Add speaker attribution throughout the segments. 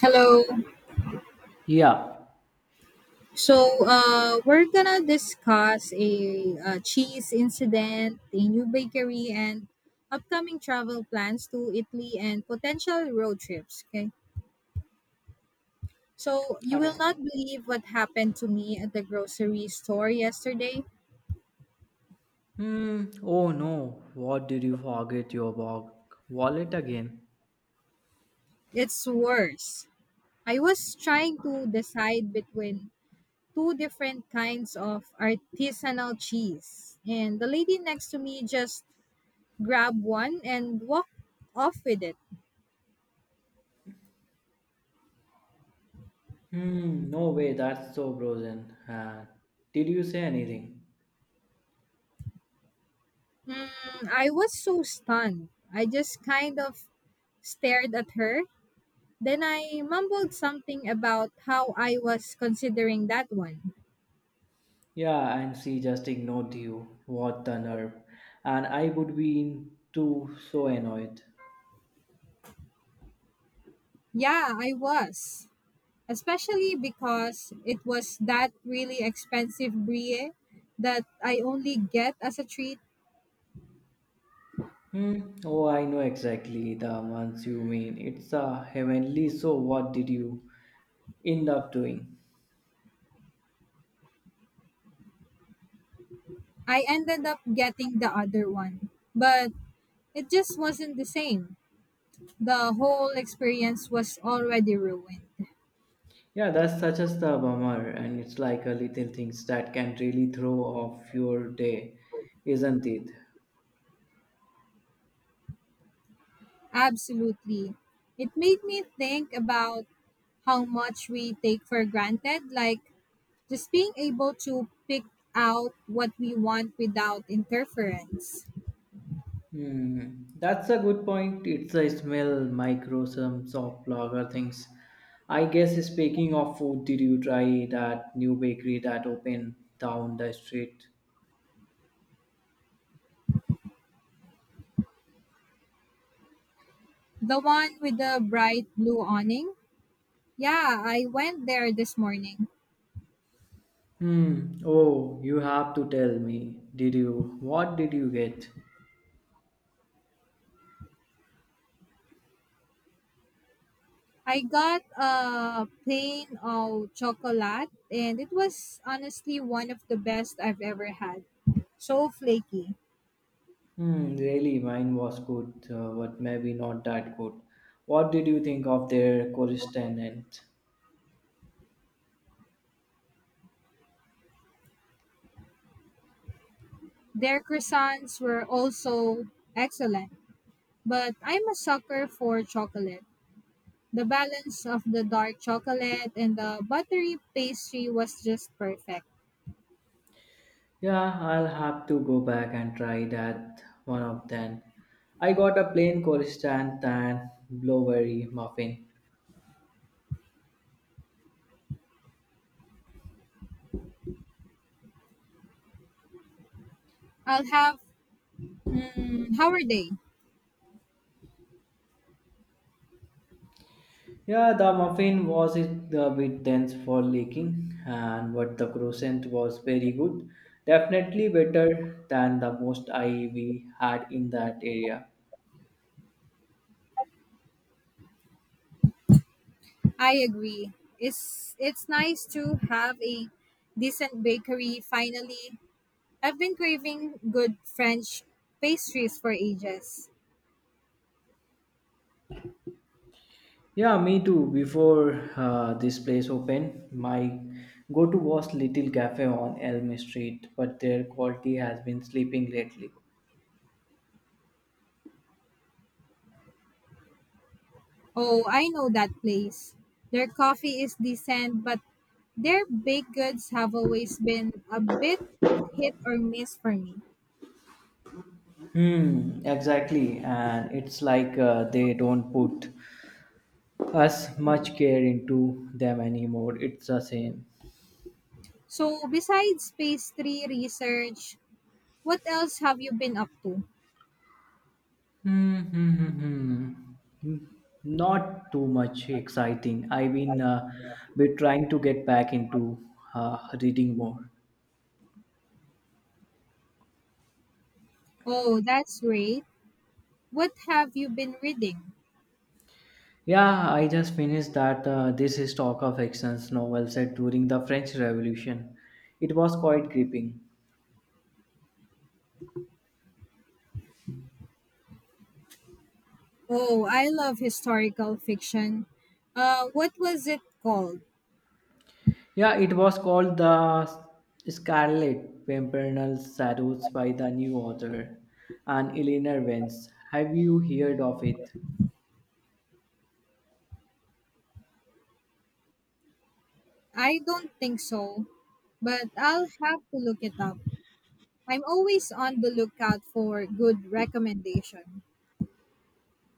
Speaker 1: Hello.
Speaker 2: Yeah.
Speaker 1: So, we're gonna discuss a, cheese incident, a new bakery, and upcoming travel plans to Italy and potential road trips. Okay. So, you will
Speaker 2: Okay.
Speaker 1: not believe what happened to me at the grocery store yesterday.
Speaker 2: Hmm. Oh no. What did you forget your wallet again?
Speaker 1: It's worse. I was trying to decide between two different kinds of artisanal cheese, and the lady next to me just grabbed one and walked off with it.
Speaker 2: Hmm. No way. That's so frozen. Did you say anything?
Speaker 1: Hmm, I was so stunned. I just kind of stared at her. Then I mumbled something about how I was considering that one.
Speaker 2: Yeah. And she just ignored you. What the nerve! And I would be in too so annoyed.
Speaker 1: Yeah, I was. Especially because it was that really expensive brie that I only get as a treat.
Speaker 2: Hmm. Oh, I know exactly the ones you mean. It's a heavenly. So what did you end up doing?
Speaker 1: I ended up getting the other one. But it just wasn't the same. The whole experience was already ruined.
Speaker 2: Yeah, that's such as the bummer, and it's like a little things that can really throw off your day, isn't it?
Speaker 1: Absolutely. It made me think about how much we take for granted, like just being able to pick out what we want without interference.
Speaker 2: Hmm, that's a good point. It's a smell, microsms of lager things. I guess speaking of food, did you try that new bakery that opened down the street?
Speaker 1: The one with the bright blue awning? Yeah, I went there this morning.
Speaker 2: Hmm. Oh, you have to tell me. Did you? What did you get?
Speaker 1: I got a plain of chocolate and it was honestly one of the best I've ever had. So flaky.
Speaker 2: Hmm, really, mine was good, but maybe not that good. What did you think of their correspondent?
Speaker 1: Their croissants were also excellent, but I'm a sucker for chocolate. The balance of the dark chocolate and the buttery pastry was just perfect.
Speaker 2: Yeah, I'll have to go back and try that one of them. I got a plain correspondent and blueberry muffin.
Speaker 1: I'll have how are they?
Speaker 2: Yeah, the muffin was it a bit dense for leaking, and but the croissant was very good. Definitely better than the most I we had in that area.
Speaker 1: I agree. It's nice to have a decent bakery finally. I've been craving good French pastries for ages.
Speaker 2: Yeah, me too. Before this place opened, my go-to was Little Cafe on Elm Street, but their quality has been sleeping lately.
Speaker 1: Oh, I know that place. Their coffee is decent, but their baked goods have always been a bit hit or miss for me.
Speaker 2: Hmm, exactly. And it's like they don't put us much care into them anymore. It's the same.
Speaker 1: So besides pastry research, what else have you been up to?
Speaker 2: Hmm, hmm, hmm, hmm. Hmm, Not too much exciting. I've been trying to get back into uh, reading more.
Speaker 1: Oh, that's great. What have you been reading?
Speaker 2: Yeah, I just finished that this is Talk of Actions novel set during the French Revolution. It was quite gripping.
Speaker 1: Oh, I love historical fiction. What was it called?
Speaker 2: Yeah, it was called The Scarlet Pimpernel Shadows by the new author, and Eleanor Vance. Have you heard of it?
Speaker 1: I don't think so, but I'll have to look it up. I'm always on the lookout for good recommendation.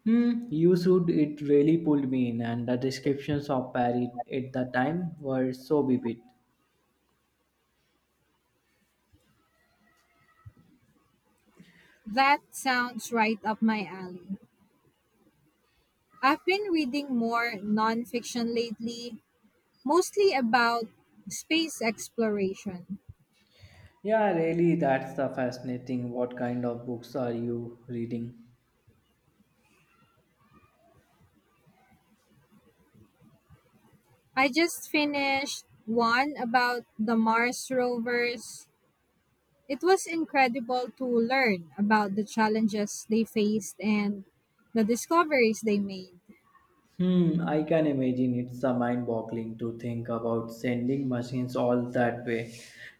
Speaker 2: Hmm, you should. It really pulled me in, and the descriptions of Paris at the time were so vivid.
Speaker 1: That sounds right up my alley. I've been reading more nonfiction lately, mostly about space exploration.
Speaker 2: Yeah, really, that's the fascinating. What kind of books are you reading?
Speaker 1: I just finished one about the Mars rovers. It was incredible to learn about the challenges they faced and the discoveries they made.
Speaker 2: Hmm, I can imagine it's a mind-boggling to think about sending machines all that way.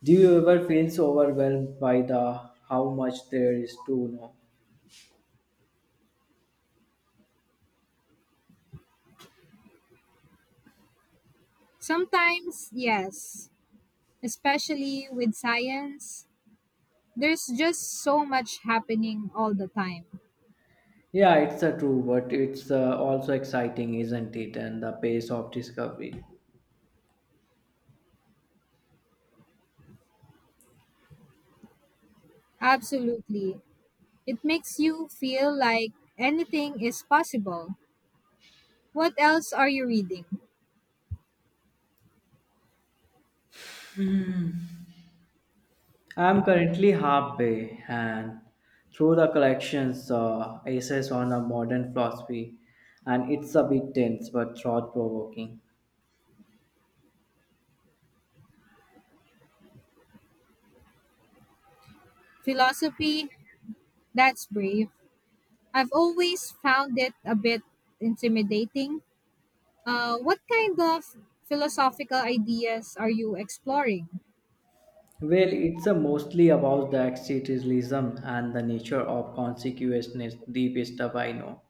Speaker 2: Do you ever feel so overwhelmed by the how much there is to know?
Speaker 1: Sometimes, yes, especially with science, there's just so much happening all the time.
Speaker 2: Yeah, it's a true, but it's also exciting, isn't it? And the pace of discovery.
Speaker 1: Absolutely. It makes you feel like anything is possible. What else are you reading?
Speaker 2: I'm currently halfway, and through the collections, essays on a modern philosophy, and it's a bit tense but thought-provoking.
Speaker 1: Philosophy? That's brave. I've always found it a bit intimidating. What kind of philosophical ideas are you exploring?
Speaker 2: Well, it's a mostly about the existentialism and the nature of consequences, deep stuff I know.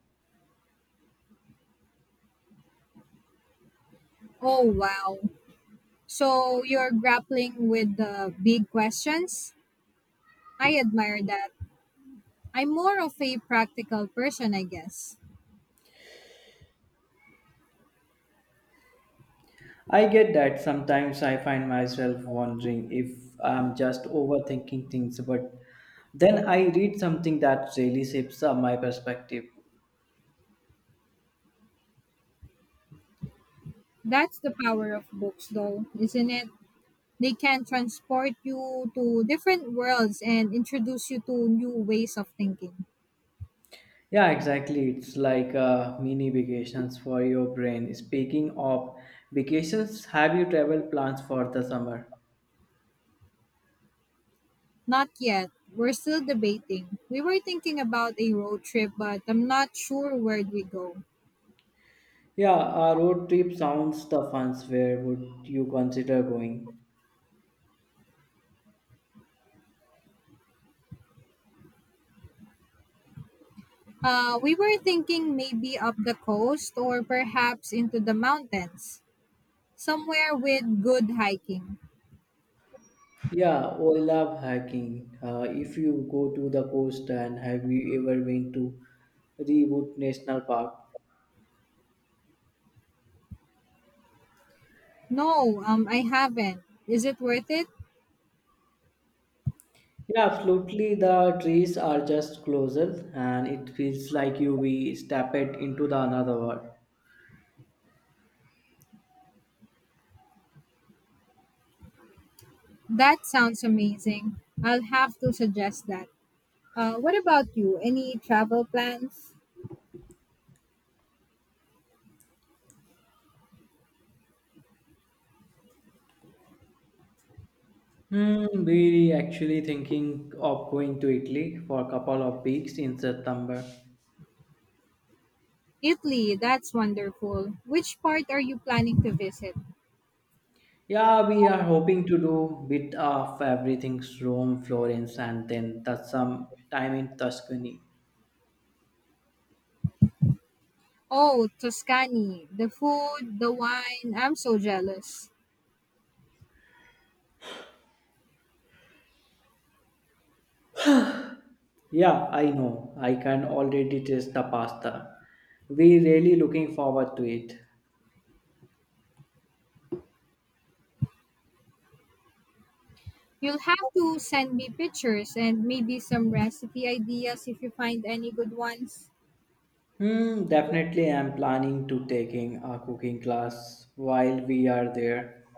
Speaker 1: Oh, wow. So you're grappling with the big questions? I admire that. I'm more of a practical person, I guess.
Speaker 2: I get that sometimes I find myself wondering if I'm just overthinking things, but then I read something that really shapes up my perspective.
Speaker 1: That's the power of books, though, isn't it? They can transport you to different worlds and introduce you to new ways of thinking.
Speaker 2: Yeah, exactly. It's like mini vacations for your brain. Speaking of vacations, have you travel plans for the summer?
Speaker 1: Not yet. We're still debating. We were thinking about a road trip, but I'm not sure where'd we go.
Speaker 2: Yeah, a road trip sounds the funs. Where would you consider going?
Speaker 1: We were thinking maybe up the coast or perhaps into the mountains, somewhere with good hiking.
Speaker 2: Yeah, I love hiking. If you go to the coast and have you ever been to Redwood National Park?
Speaker 1: No, I haven't. Is it worth it?
Speaker 2: Yeah, absolutely. The trees are just closer and it feels like you be stepped into the another world.
Speaker 1: That sounds amazing. I'll have to suggest that. What about you? Any travel plans?
Speaker 2: Hmm, we actually thinking of going to Italy for a couple of weeks in September.
Speaker 1: Italy, that's wonderful. Which part are you planning to visit?
Speaker 2: Yeah, we are hoping to do bit of everything Rome, Florence and then the, some time in Tuscany.
Speaker 1: Oh, Tuscany, the food, the wine, I'm so jealous.
Speaker 2: Yeah, I know. I can already taste the pasta. We really looking forward to it.
Speaker 1: You'll have to send me pictures and maybe some recipe ideas if you find any good ones.
Speaker 2: Hmm, definitely I'm planning to taking a cooking class while we are there.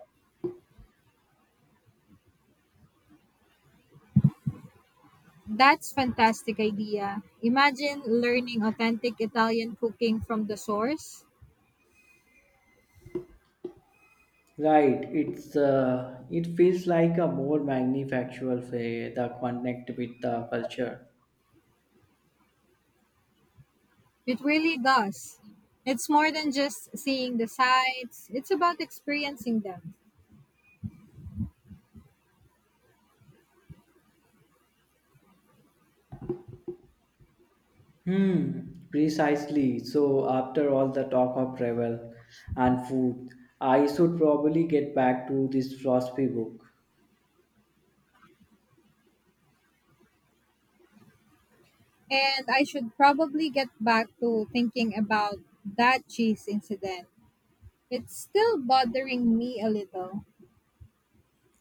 Speaker 1: That's fantastic idea. Imagine learning authentic Italian cooking from the source.
Speaker 2: Right, it's it feels like a more manufactural way that connect with the culture.
Speaker 1: It really does. It's more than just seeing the sights, it's about experiencing them.
Speaker 2: Hmm, precisely. So after all the talk of travel and food, I should probably get back to this philosophy book.
Speaker 1: And I should probably get back to thinking about that cheese incident. It's still bothering me a little.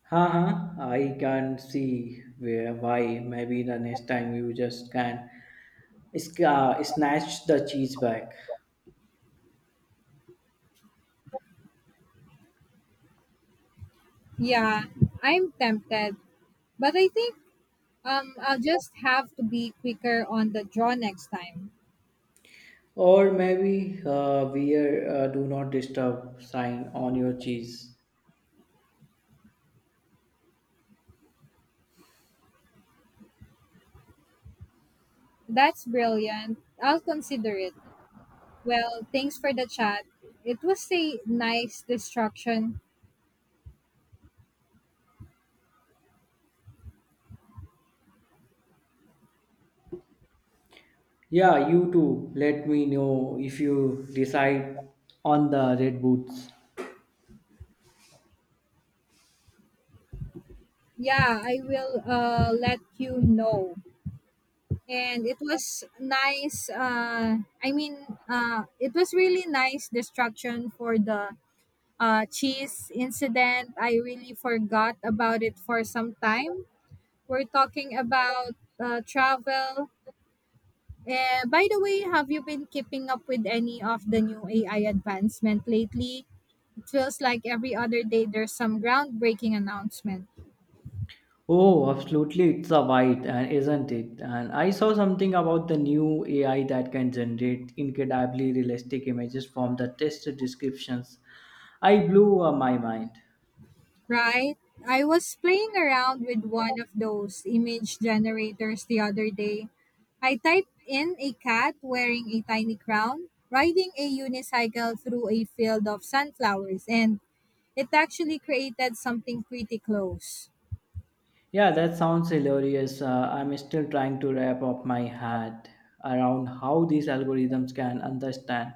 Speaker 2: Haha, I can see where why. Maybe the next time you just can snatch the cheese back,
Speaker 1: Yeah, I'm tempted, but I think I'll just have to be quicker on the draw next time.
Speaker 2: or maybe wear do not disturb sign on your cheese.
Speaker 1: That's brilliant. I'll consider it. Well, thanks for the chat. It was a nice distraction.
Speaker 2: Yeah, you too. Let me know if you decide on the red boots.
Speaker 1: Yeah, I will let you know. And it was nice I mean it was really nice distraction for the cheese incident. I really forgot about it for some time. We're talking about travel. By the way, have you been keeping up with any of the new AI advancement lately? It feels like every other day there's some groundbreaking announcement.
Speaker 2: Oh, absolutely. It's a white, and isn't it? And I saw something about the new AI that can generate incredibly realistic images from the test descriptions. I blew my mind.
Speaker 1: Right? I was playing around with one of those image generators the other day. I typed in a cat wearing a tiny crown riding a unicycle through a field of sunflowers, and it actually created something pretty close.
Speaker 2: Yeah, that sounds hilarious. I'm still trying to wrap up my head around how these algorithms can understand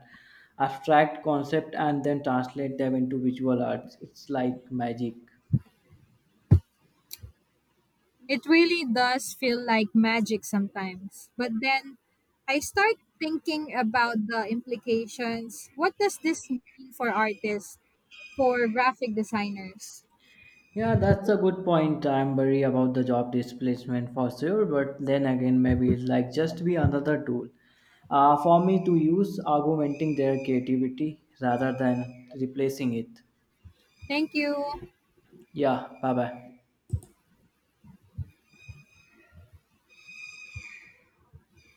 Speaker 2: abstract concept and then translate them into visual arts. It's like magic.
Speaker 1: It really does feel like magic sometimes. But then I start thinking about the implications. What does this mean for artists, for graphic designers?
Speaker 2: Yeah, that's a good point. I'm worried about the job displacement for sure, but then again, maybe it's like just be another tool for me to use augmenting their creativity rather than replacing it.
Speaker 1: Thank you.
Speaker 2: Yeah, bye bye.